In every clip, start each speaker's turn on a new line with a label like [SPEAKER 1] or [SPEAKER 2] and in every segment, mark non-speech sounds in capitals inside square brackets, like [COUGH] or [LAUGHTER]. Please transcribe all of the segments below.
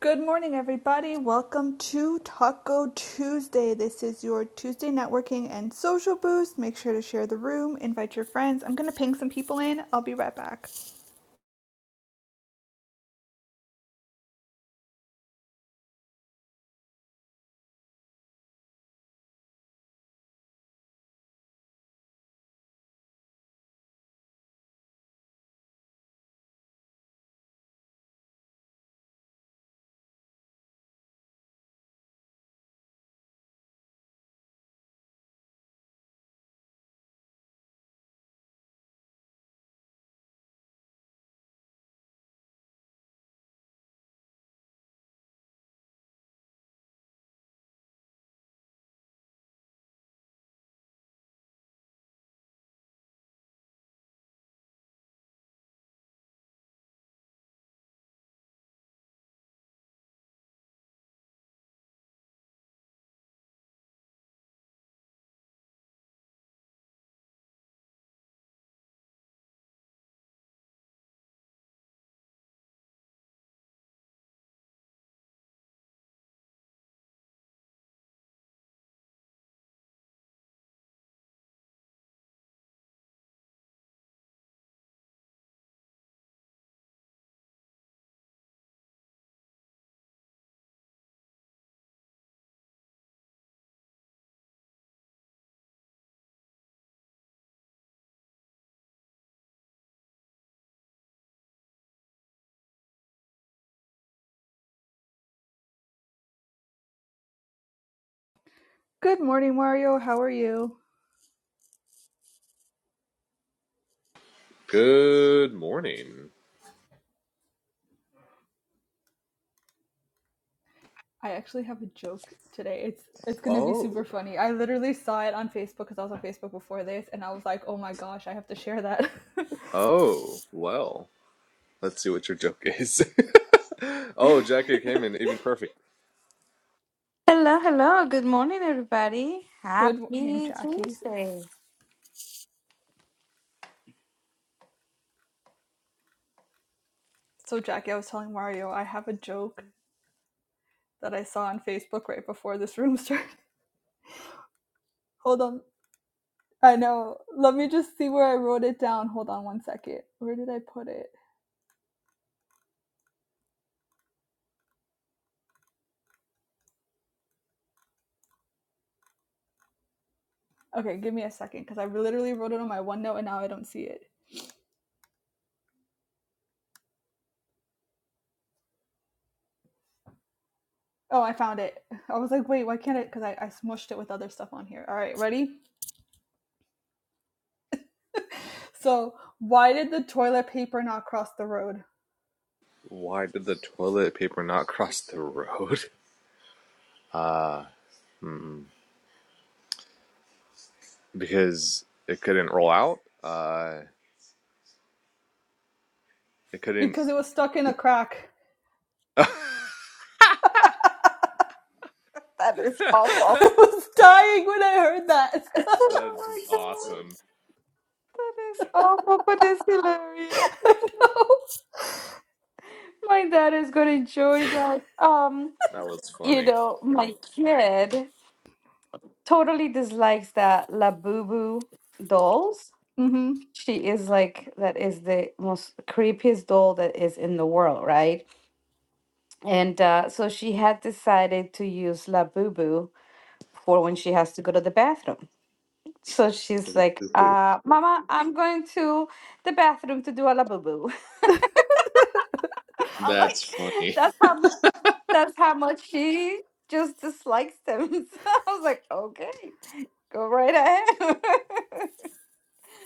[SPEAKER 1] Good morning, everybody. Welcome to Taco Tuesday. This is your Tuesday networking and social boost. Make sure to share the room, invite your friends. I'm going to ping some people in. I'll be right back. Good morning, Mario. How are you?
[SPEAKER 2] Good morning.
[SPEAKER 1] I actually have a joke today. It's it's going to be super
[SPEAKER 2] Oh,
[SPEAKER 1] funny. I literally saw it on Facebook cuz I was on Facebook before this and I was like, "Oh my gosh, I have to share that." [LAUGHS]
[SPEAKER 2] oh, well, let's see what your joke is. [LAUGHS] oh, Jackie came in even perfect.
[SPEAKER 3] Hello, hello. Good morning, everybody.
[SPEAKER 1] Good morning,
[SPEAKER 3] Happy
[SPEAKER 1] Jackie.
[SPEAKER 3] Tuesday.
[SPEAKER 1] So, Jackie, I was telling Mario I have a joke that I saw on Facebook right before this room [LAUGHS] started. Hold on. I know. Let me just see where I wrote it down. Hold on one second. Where did I put it? Okay, give me a second because I literally wrote it on my OneNote and now I don't see it. Oh, I found it. I was like, wait, why can't I? Because I, I smushed it with other stuff on here. All right, ready? So, why did the toilet paper not cross the road?
[SPEAKER 2] Why did the toilet paper not cross the road? [LAUGHS] Uh, hmm, because it couldn't roll out. Uh, it couldn't.
[SPEAKER 1] Because it was stuck in a crack.
[SPEAKER 2] [LAUGHS] That's
[SPEAKER 3] That is
[SPEAKER 1] [LAUGHS] I
[SPEAKER 3] awful.
[SPEAKER 1] was dying when I heard that. [LAUGHS]
[SPEAKER 3] Oh my god.
[SPEAKER 2] awesome.
[SPEAKER 3] That is awful, but it's hilarious. My dad is going to enjoy that. Um,
[SPEAKER 2] That was
[SPEAKER 3] you
[SPEAKER 2] funny.
[SPEAKER 3] know, my kid totally dislikes that La Boo Boo dolls.
[SPEAKER 1] Mm-hmm.
[SPEAKER 3] She is like, that is the most creepiest doll that is in the world, right? And uh, so she had decided to use La Boo Boo for when she has to go to the bathroom. So she's like,
[SPEAKER 2] Poo-poo.
[SPEAKER 3] uh, Mama, I'm going to the bathroom to do a boo. [LAUGHS] I'm
[SPEAKER 2] That's
[SPEAKER 3] like,
[SPEAKER 2] funny.
[SPEAKER 3] that's how mu- that's how much she just dislikes them. [LAUGHS] So I was like, okay, go right ahead.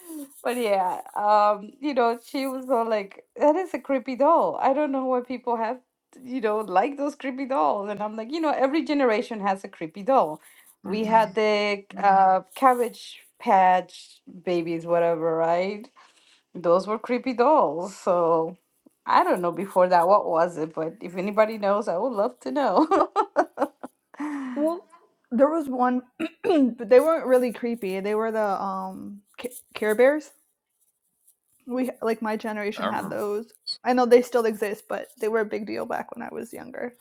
[SPEAKER 3] [LAUGHS] but yeah, um, you know, she was all like, that is a creepy doll. I don't know why people have you know like those creepy dolls. And I'm like, you know, every generation has a creepy doll. We
[SPEAKER 2] hmm
[SPEAKER 3] had the Mhm. uh, cabbage patch babies, whatever, right? Those were creepy dolls. So I don't know before that what was it, but if anybody knows, I would love to know. [LAUGHS]
[SPEAKER 1] Well, there was one, [CLEARS THROAT] but they weren't really creepy. They were the um Care Bears. we like my
[SPEAKER 2] I
[SPEAKER 1] generation had
[SPEAKER 2] remember
[SPEAKER 1] those. I know they still exist, but they were a big deal back when I was younger.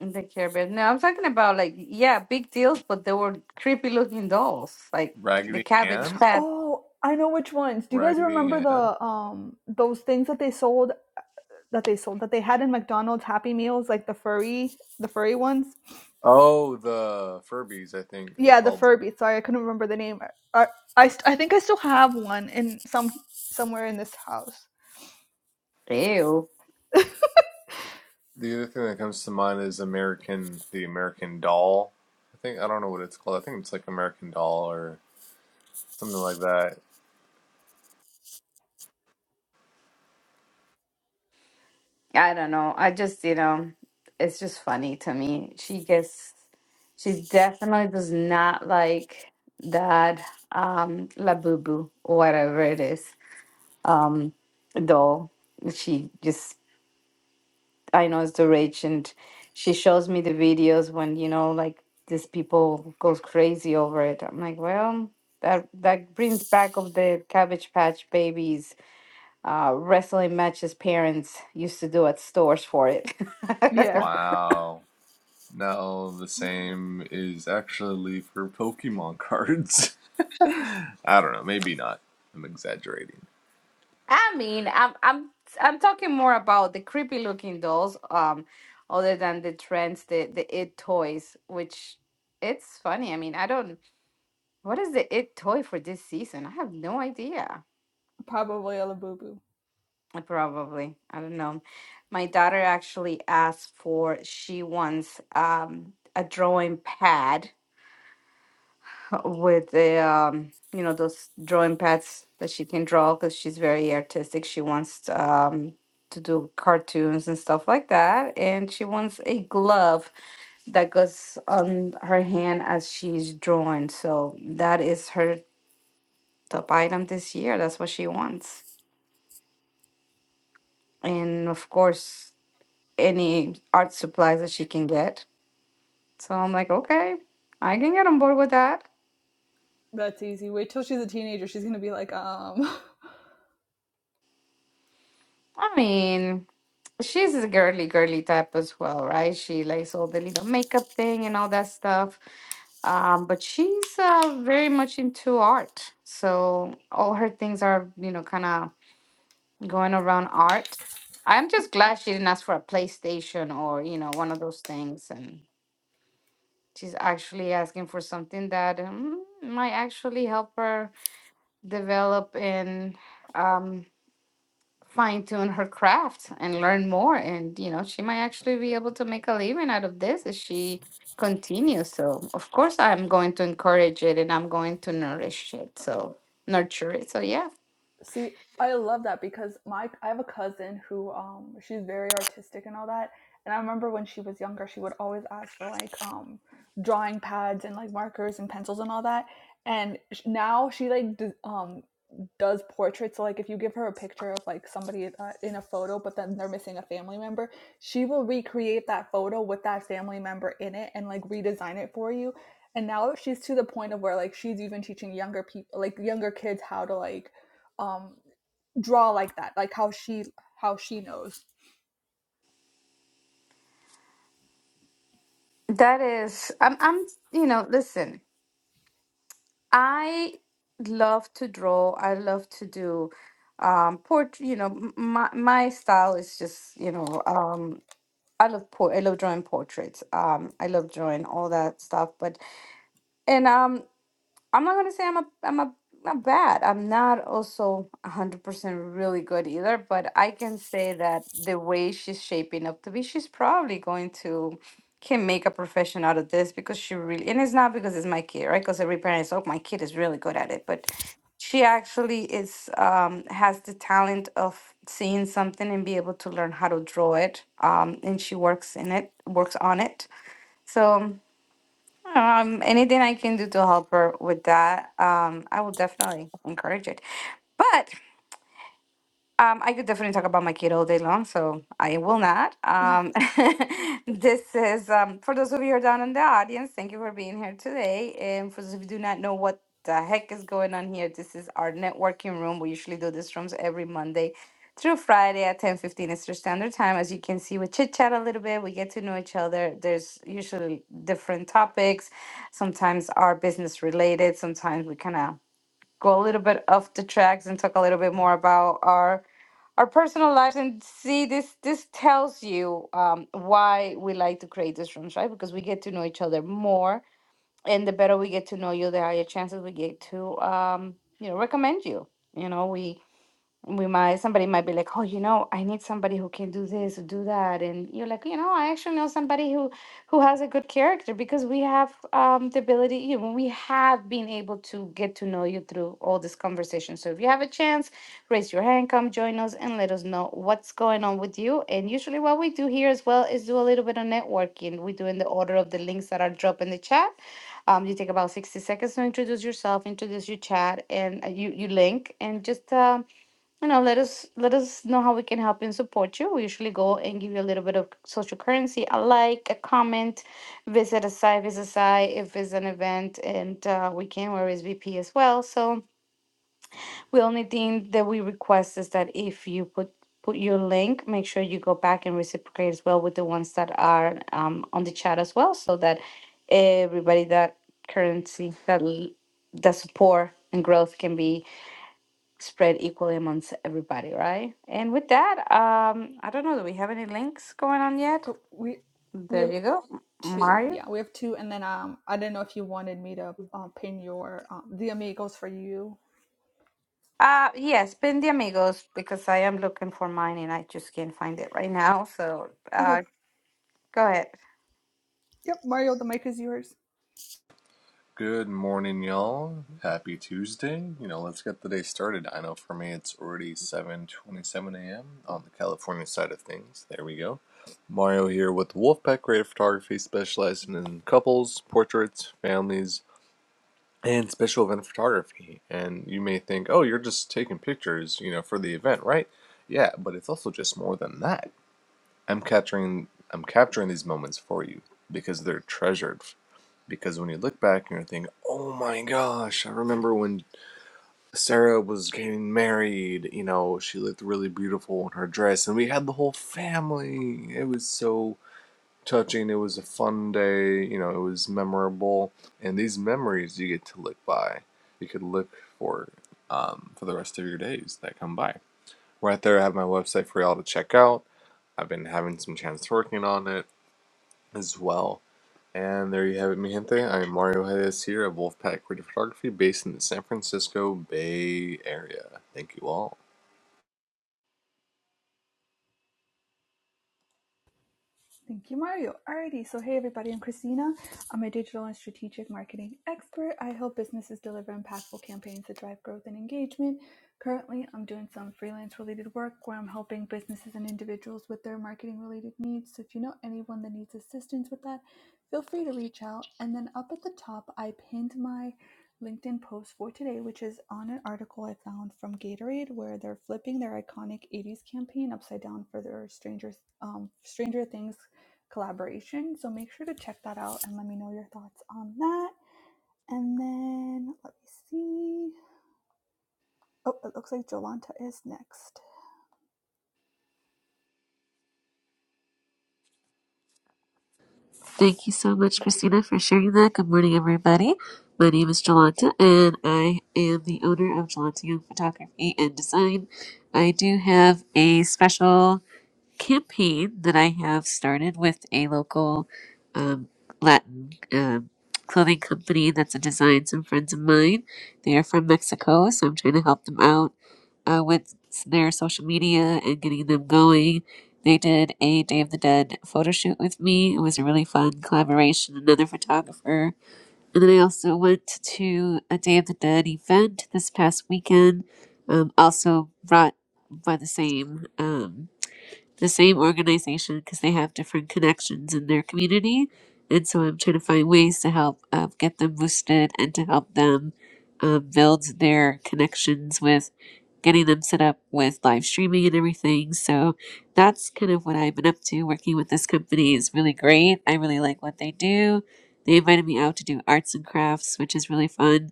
[SPEAKER 3] the Care Bears. No, I'm talking about like yeah, big deals, but they were creepy looking dolls, like
[SPEAKER 2] that.
[SPEAKER 3] the
[SPEAKER 2] Raggedy
[SPEAKER 3] Cabbage
[SPEAKER 2] Ann?
[SPEAKER 3] Patch.
[SPEAKER 1] Oh, I know which ones. Do you guys
[SPEAKER 2] Raggedy
[SPEAKER 1] remember
[SPEAKER 2] Ann?
[SPEAKER 1] the um those things that they sold that they sold that they had in McDonald's Happy Meals, like the furry the furry ones?
[SPEAKER 2] Oh, the Furbies, I think they're
[SPEAKER 1] Yeah, the
[SPEAKER 2] called.
[SPEAKER 1] Furby. Sorry, I couldn't remember the name. I I, st- I think I still have one in some somewhere in this house.
[SPEAKER 3] Ew.
[SPEAKER 2] The other thing that comes to mind is American, the American Doll. I think I don't know what it's called. I think it's like American Doll or something like that.
[SPEAKER 3] I don't know. I just you know, it's just funny to me. She gets, she definitely does not like that um La Boo Boo, whatever it is, um doll. She just I know it's the rich, and she shows me the videos when you know, like these people goes crazy over it. I'm like, well, that that brings back of the Cabbage Patch Babies uh, wrestling matches parents used to do at stores for it.
[SPEAKER 1] Yeah,
[SPEAKER 3] [LAUGHS]
[SPEAKER 2] Wow. Now the same is actually for Pokemon cards. [LAUGHS] I don't know. Maybe not. I'm exaggerating.
[SPEAKER 3] I mean, I'm I'm I'm talking more about the creepy looking dolls, um, other than the trends, the the it toys, which it's funny. I mean, I don't. What is the it toy for this season? I have no idea.
[SPEAKER 1] [LAUGHS] Probably a boo
[SPEAKER 3] Uh, Probably. I don't know. My daughter actually asked for, she wants um, a drawing pad with the, um, you know, those drawing pads that she can draw because she's very artistic. She wants um, to do cartoons and stuff like that. And she wants a glove that goes on her hand as she's drawing. So that is her top item this year. That's what she wants. And of course, any art supplies that she can get. So I'm like, okay, I can get on board with that.
[SPEAKER 1] That's easy. Wait till she's a teenager. She's gonna be like, um,
[SPEAKER 3] I mean, she's a girly, girly type as well, right? She likes all the little makeup thing and all that stuff. Um, but she's uh, very much into art. So all her things are, you know, kind of going around art. I'm just glad she didn't ask for a PlayStation or, you know, one of those things. And she's actually asking for something that um, might actually help her develop and um, fine tune her craft and learn more. And, you know, she might actually be able to make a living out of this if she continues. So, of course, I'm going to encourage it and I'm going to nourish it. So, nurture it. So, yeah,
[SPEAKER 1] See, I love that because my I have a cousin who um she's very artistic and all that. And I remember when she was younger, she would always ask for like um drawing pads and like markers and pencils and all that. And sh- now she like d- um does portraits. So like if you give her a picture of like somebody uh, in a photo, but then they're missing a family member, she will recreate that photo with that family member in it and like redesign it for you. And now she's to the point of where like she's even teaching younger people, like younger kids, how to like um draw like that like how she how she knows
[SPEAKER 3] that is, I'm, I'm you know, listen, I love to draw, I love to do um portrait you know m- my my style is just you know um I love po- I love drawing portraits. Um, I love drawing all that stuff. But and um, I'm not gonna say I'm a I'm a not bad. I'm not also 100% really good either, but I can say that the way she's shaping up to be, she's probably going to can make a profession out of this because she really and it's not because it's my kid, right? Because every parent is, oh, my kid is really good at it, but she actually is um has the talent of seeing something and be able to learn how to draw it. Um and she works in it, works on it. So um, anything I can do to help her with that, um, I will definitely encourage it. But um, I could definitely talk about my kid all day long, so I will not. Um, [LAUGHS] this is um, for those of you who are down in the audience. Thank you for being here today. And for those of you who do not know what the heck is going on here, this is our networking room. We usually do these rooms every Monday through Friday at ten fifteen Eastern Standard Time. As you can see, we chit chat a little bit. We get to know each other. There's usually different topics. Sometimes are business related. Sometimes we kind of go a little bit off the tracks and talk a little bit more about our our personal lives and see this this tells you um, why we like to create these rooms right because we get to know each other more and the better we get to know you the higher chances we get to um, you know recommend you you know we we might somebody might be like oh you know i need somebody who can do this do that and you're like you know i actually know somebody who who has a good character because we have um the ability you know we have been able to get to know you through all this conversation so if you have a chance raise your hand come join us and let us know what's going on with you and usually what we do here as well is do a little bit of networking we do in the order of the links that are dropped in the chat um, you take about 60 seconds to introduce yourself, introduce your chat, and uh, you, you link, and just um, you know let us let us know how we can help and support you we usually go and give you a little bit of social currency a like a comment visit a site visit a site if it's an event and uh, we can wear SVP as well so the only thing that we request is that if you put put your link make sure you go back and reciprocate as well with the ones that are um, on the chat as well so that everybody that currency that l- that support and growth can be spread equally amongst everybody, right? And with that, um, I don't know, do we have any links going on yet?
[SPEAKER 1] oh, we we
[SPEAKER 3] There
[SPEAKER 1] have
[SPEAKER 3] you go,
[SPEAKER 1] two
[SPEAKER 3] Mario.
[SPEAKER 1] yeah we have two and then um i don't know if you wanted me to uh, pin your um, the amigos for you
[SPEAKER 3] Uh, yes, pin the amigos because I am looking for mine and I just can't find it right now. So,
[SPEAKER 1] okay
[SPEAKER 3] uh, go ahead.
[SPEAKER 1] yep mario the mic is yours
[SPEAKER 2] Good morning, y'all. Happy Tuesday. You know, let's get the day started. I know for me, it's already 7:27 a.m. on the California side of things. There we go. Mario here with Wolfpack Creative Photography, specializing in couples, portraits, families, and special event photography. And you may think, oh, you're just taking pictures, you know, for the event, right? Yeah, but it's also just more than that. I'm capturing I'm capturing these moments for you because they're treasured. Because when you look back and you think, oh my gosh, I remember when Sarah was getting married, you know, she looked really beautiful in her dress, and we had the whole family. It was so touching. It was a fun day. You know, it was memorable. And these memories you get to live by. You could look for um, for the rest of your days that come by. Right there, I have my website for y'all to check out. I've been having some chance working on it as well. And there you have it, mi gente. I'm Mario Reyes here at Wolfpack Creative Photography, based in the San Francisco Bay Area. Thank you all.
[SPEAKER 1] Thank you, Mario. Alrighty, so hey everybody, I'm Christina. I'm a digital and strategic marketing expert. I help businesses deliver impactful campaigns that drive growth and engagement. Currently, I'm doing some freelance related work where I'm helping businesses and individuals with their marketing related needs. So if you know anyone that needs assistance with that, feel free to reach out. And then up at the top, I pinned my LinkedIn post for today, which is on an article I found from Gatorade, where they're flipping their iconic '80s campaign upside down for their Stranger um, Stranger Things collaboration. So make sure to check that out and let me know your thoughts on that. And then let me see. Oh, it looks like Jolanta is next.
[SPEAKER 4] Thank you so much, Christina, for sharing that. Good morning, everybody. My name is Jolanta, and I am the owner of Jolanta Young Photography and Design. I do have a special campaign that I have started with a local um, Latin um, clothing company that's a design. Some friends of mine, they are from Mexico, so I'm trying to help them out uh, with their social media and getting them going. They did a Day of the Dead photo shoot with me. It was a really fun collaboration, another photographer. And then I also went to a Day of the Dead event this past weekend, um, also brought by the same. Um, the same organization because they have different connections in their community. And so I'm trying to find ways to help um, get them boosted and to help them um, build their connections with getting them set up with live streaming and everything. So that's kind of what I've been up to. Working with this company is really great. I really like what they do. They invited me out to do arts and crafts, which is really fun,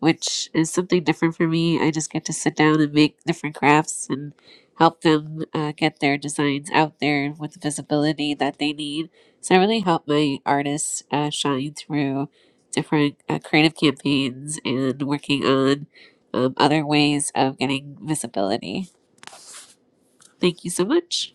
[SPEAKER 4] which is something different for me. I just get to sit down and make different crafts and help them uh, get their designs out there with the visibility that they need. So I really help my artists uh, shine through different uh, creative campaigns and working on um, other ways of getting visibility. Thank you so much.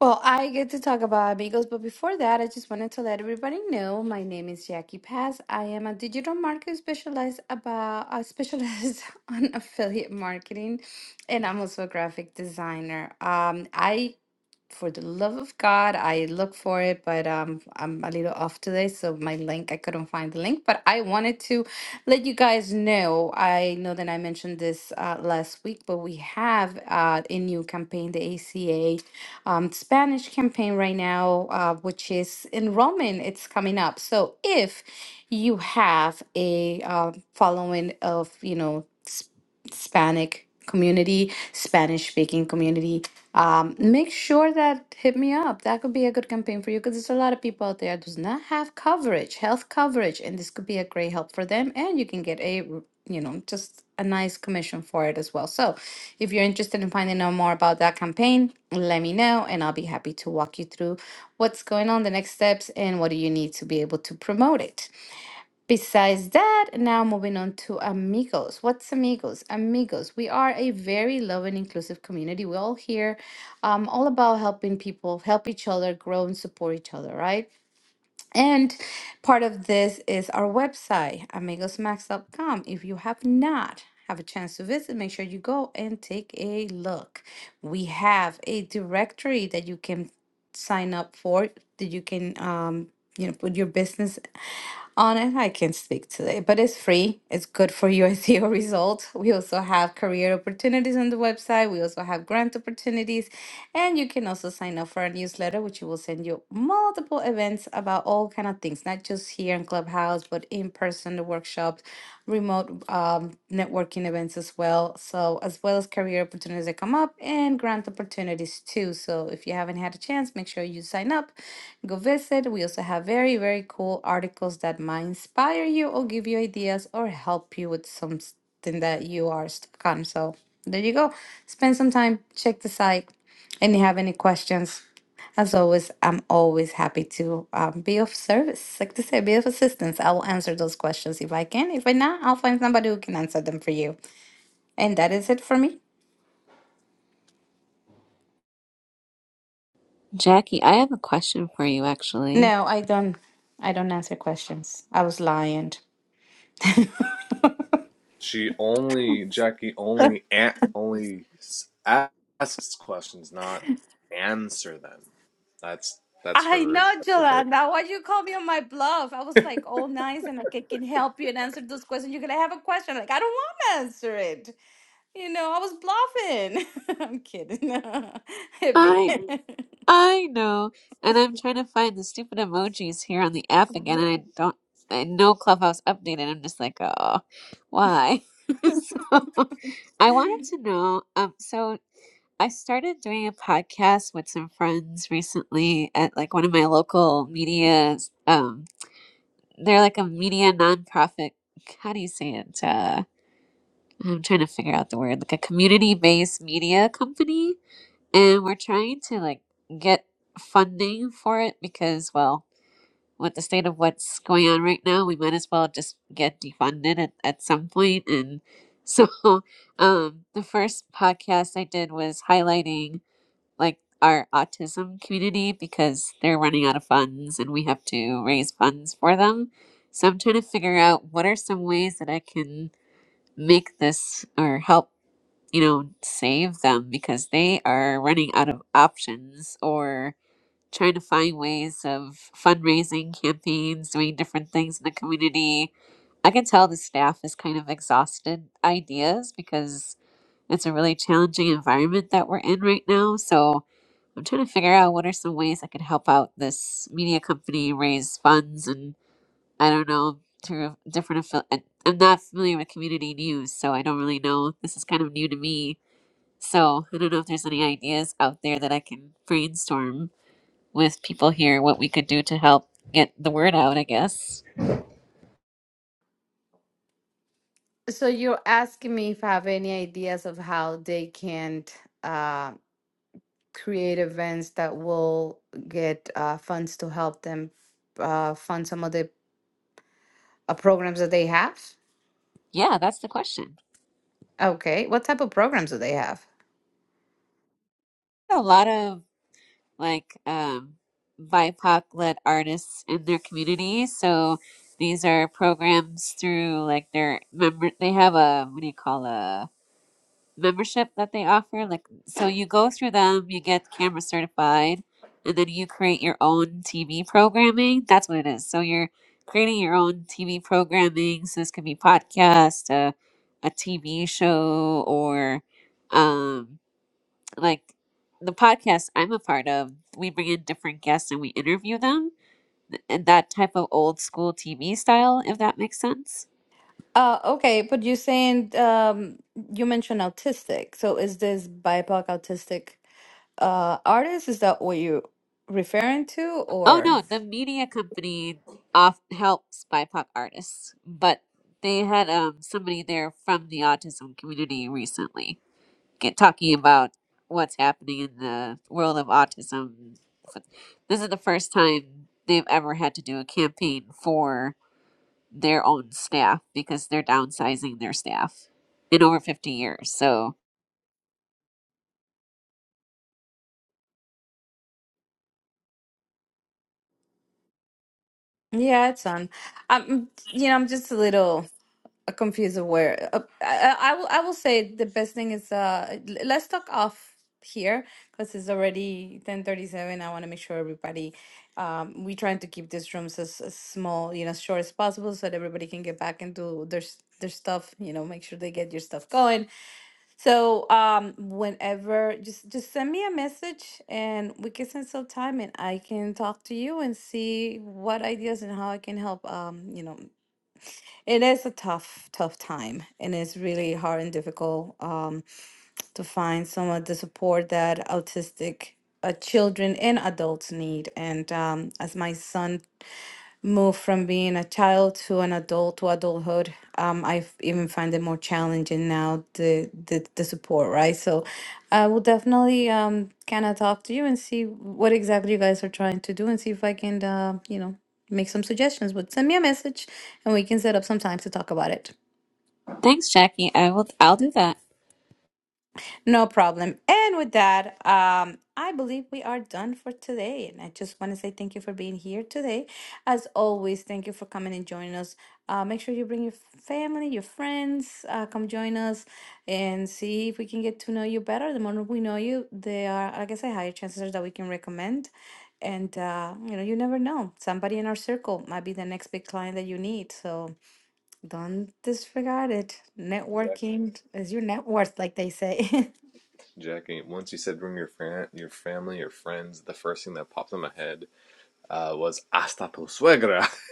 [SPEAKER 3] Well, I get to talk about Amigos, but before that, I just wanted to let everybody know my name is Jackie Paz. I am a digital marketer specialized about uh, specialized [LAUGHS] on affiliate marketing, and I'm also a graphic designer. Um, I for the love of God, I look for it, but um, I'm a little off today, so my link, I couldn't find the link. But I wanted to let you guys know. I know that I mentioned this uh, last week, but we have uh, a new campaign, the ACA um, Spanish campaign right now, uh, which is in It's coming up. So if you have a uh, following of, you know, Sp- Hispanic community, Spanish speaking community, um, make sure that hit me up. That could be a good campaign for you because there's a lot of people out there does not have coverage, health coverage, and this could be a great help for them. And you can get a, r- you know, just a nice commission for it as well. So, if you're interested in finding out more about that campaign, let me know, and I'll be happy to walk you through what's going on, the next steps, and what do you need to be able to promote it. Besides that, now moving on to Amigos. What's Amigos? Amigos, we are a very loving, inclusive community. We all here um, all about helping people, help each other grow and support each other, right? And part of this is our website, amigosmax.com. If you have not have a chance to visit, make sure you go and take a look. We have a directory that you can sign up for, that you can um, you know, put your business on it. I can not speak today, but it's free. It's good for [LAUGHS] your SEO results. We also have career opportunities on the website. We also have grant opportunities and you can also sign up for our newsletter, which will send you multiple events about all kind of things, not just here in Clubhouse, but in person, the workshops, remote um, networking events as well. So as well as career opportunities that come up and grant opportunities too. So if you haven't had a chance, make sure you sign up, go visit. We also have very, very cool articles that might inspire you or give you ideas or help you with something that you are stuck on. So there you go. Spend some time, check the site and you have any questions, as always, I'm always happy to um, be of service. Like to say, be of assistance. I will answer those questions if I can. If I not, I'll find somebody who can answer them for you. And that is it for me.
[SPEAKER 4] Jackie, I have a question for you actually.
[SPEAKER 3] No, I don't. I don't answer questions. I was lying.
[SPEAKER 2] She only Jackie only a only asks questions, not answer them. That's that's
[SPEAKER 3] I
[SPEAKER 2] her.
[SPEAKER 3] know,
[SPEAKER 2] That's her bit.
[SPEAKER 3] Jolanda. Why you call me on my bluff? I was like all nice and like I can help you and answer those questions. You're gonna have a question. Like, I don't want to answer it. You know, I was bluffing. [LAUGHS] I'm kidding. [LAUGHS] Hit me.
[SPEAKER 4] I
[SPEAKER 3] [LAUGHS]
[SPEAKER 4] I know. And I'm trying to find the stupid emojis here on the app again, and I don't. I know Clubhouse updated. I'm just like, oh, why? [LAUGHS] so I wanted to know. Um, so I started doing a podcast with some friends recently at like one of my local medias. Um, they're like a media nonprofit. How do you say it? Uh, I'm trying to figure out the word. Like a community-based media company and we're trying to like get funding for it because well with the state of what's going on right now we might as well just get defunded at, at some point point. and so [LAUGHS] um the first podcast i did was highlighting like our autism community because they're running out of funds and we have to raise funds for them so i'm trying to figure out what are some ways that i can make this or help you know, save them because they are running out of options or trying to find ways of fundraising campaigns, doing different things in the community. I can tell the staff is kind of exhausted ideas because it's a really challenging environment that we're in right now. So I'm trying to figure out what are some ways I could help out this media company raise funds and I don't know through different affili- I- I'm not familiar with community news, so I don't really know. This is kind of new to me so I don't know if there's any ideas out there that I can brainstorm with people here what we could do to help get the word out, I guess.
[SPEAKER 3] So you're asking me if I have any ideas of how they can uh, create events that will get uh, funds to help them uh, fund some of the uh, programs that they have?
[SPEAKER 4] Yeah, that's the question.
[SPEAKER 3] Okay, what type of programs do they have?
[SPEAKER 4] A lot of like um BIPOC led artists in their community. So these are programs through like their member they have a what do you call a membership that they offer. Like, so you go through them, you get camera certified, and then you create your own TV programming. That's what it is. So you're creating your own TV programming. So this could be podcast, uh, a TV show, or um, like the podcast I'm a part of. We bring in different guests and we interview them. th- And that type of old school TV style, if that makes sense.
[SPEAKER 3] Uh, okay, but you're saying um, you mentioned autistic. So is this BIPOC autistic uh, artist? Is that what you're referring to,
[SPEAKER 4] Oh
[SPEAKER 3] or?
[SPEAKER 4] no, the media company off helps BIPOC artists, but they had um somebody there from the autism community recently get talking about what's happening in the world of autism. But This is the first time they've ever had to do a campaign for their own staff because they're downsizing their staff in over 50 years. So,
[SPEAKER 3] Yeah, it's on. I'm, you know, I'm just a little. uh, confused of where uh, I, I will I will say the best thing is uh l- let's talk off here because it's already 10:37 I want to make sure everybody um we're trying to keep these rooms as, as small you know as short as possible so that everybody can get back into their s- their stuff you know make sure they get your stuff going so um whenever just just send me a message and we can spend some time and I can talk to you and see what ideas and how I can help um you know it is a tough, tough time, and it's really hard and difficult um, to find some of the support that autistic uh, children and adults need. And um, as my son move from being a child to an adult to adulthood. Um, I f- even find it more challenging now the the, the support, right? So I will definitely um kind of talk to you and see what exactly you guys are trying to do and see if I can uh, you know make some suggestions. But send me a message and we can set up some time to talk about it.
[SPEAKER 4] thanks Jackie. I will I'll do that.
[SPEAKER 3] No problem. And with that, um, I believe we are done for today. And I just want to say thank you for being here today. As always, thank you for coming and joining us. Uh, make sure you bring your family, your friends, uh, come join us and see if we can get to know you better. The more we know you, there are, like I say, higher chances are that we can recommend. And uh, you know, you never know. Somebody in our circle might be the next big client that you need. So don't disregard it.
[SPEAKER 2] Jackie.
[SPEAKER 3] Networking is your net worth, like they say. [LAUGHS]
[SPEAKER 2] Jackie. Once you said bring your fran your family, your friends, the first thing that popped in my head uh, was hasta tu suegra. [LAUGHS]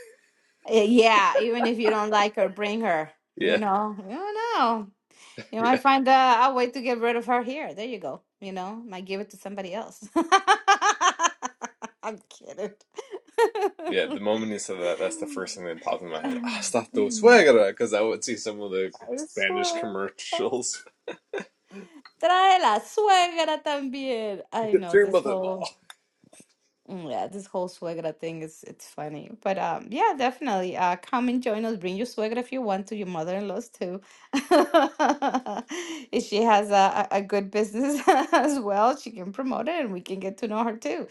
[SPEAKER 3] Eh, Yeah, even if you don't like her, bring her. You
[SPEAKER 2] Yeah,
[SPEAKER 3] know, you don't know. You might
[SPEAKER 2] yeah,
[SPEAKER 3] find uh, a way to get rid of her here. There you go. You know, might give it to somebody else. [LAUGHS] I'm kidding.
[SPEAKER 2] yeah. The moment you said that, that's the first thing that popped in my head. Hasta tu
[SPEAKER 3] [LAUGHS]
[SPEAKER 2] suegra, because I would see some of the
[SPEAKER 3] I
[SPEAKER 2] Spanish
[SPEAKER 3] swear.
[SPEAKER 2] commercials.
[SPEAKER 3] Trae la suegra también.
[SPEAKER 2] [LAUGHS]
[SPEAKER 3] I
[SPEAKER 2] Get
[SPEAKER 3] know
[SPEAKER 2] your
[SPEAKER 3] this whole.
[SPEAKER 2] mother-in-law.
[SPEAKER 3] Mm, Yeah, this whole suegra thing is it's funny. But um yeah, definitely. Uh come and join us. Bring your suegra if you want to, your mother-in-law's too. [LAUGHS] If she has a, a a good business [LAUGHS] as well, she can promote it and we can get to know her too.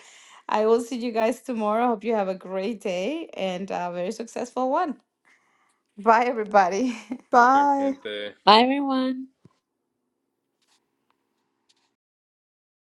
[SPEAKER 3] I will see you guys tomorrow. Hope you have a great day and a very successful one. Bye, everybody. [LAUGHS]
[SPEAKER 2] Take care,
[SPEAKER 1] Bye.
[SPEAKER 2] man.
[SPEAKER 4] Bye everyone.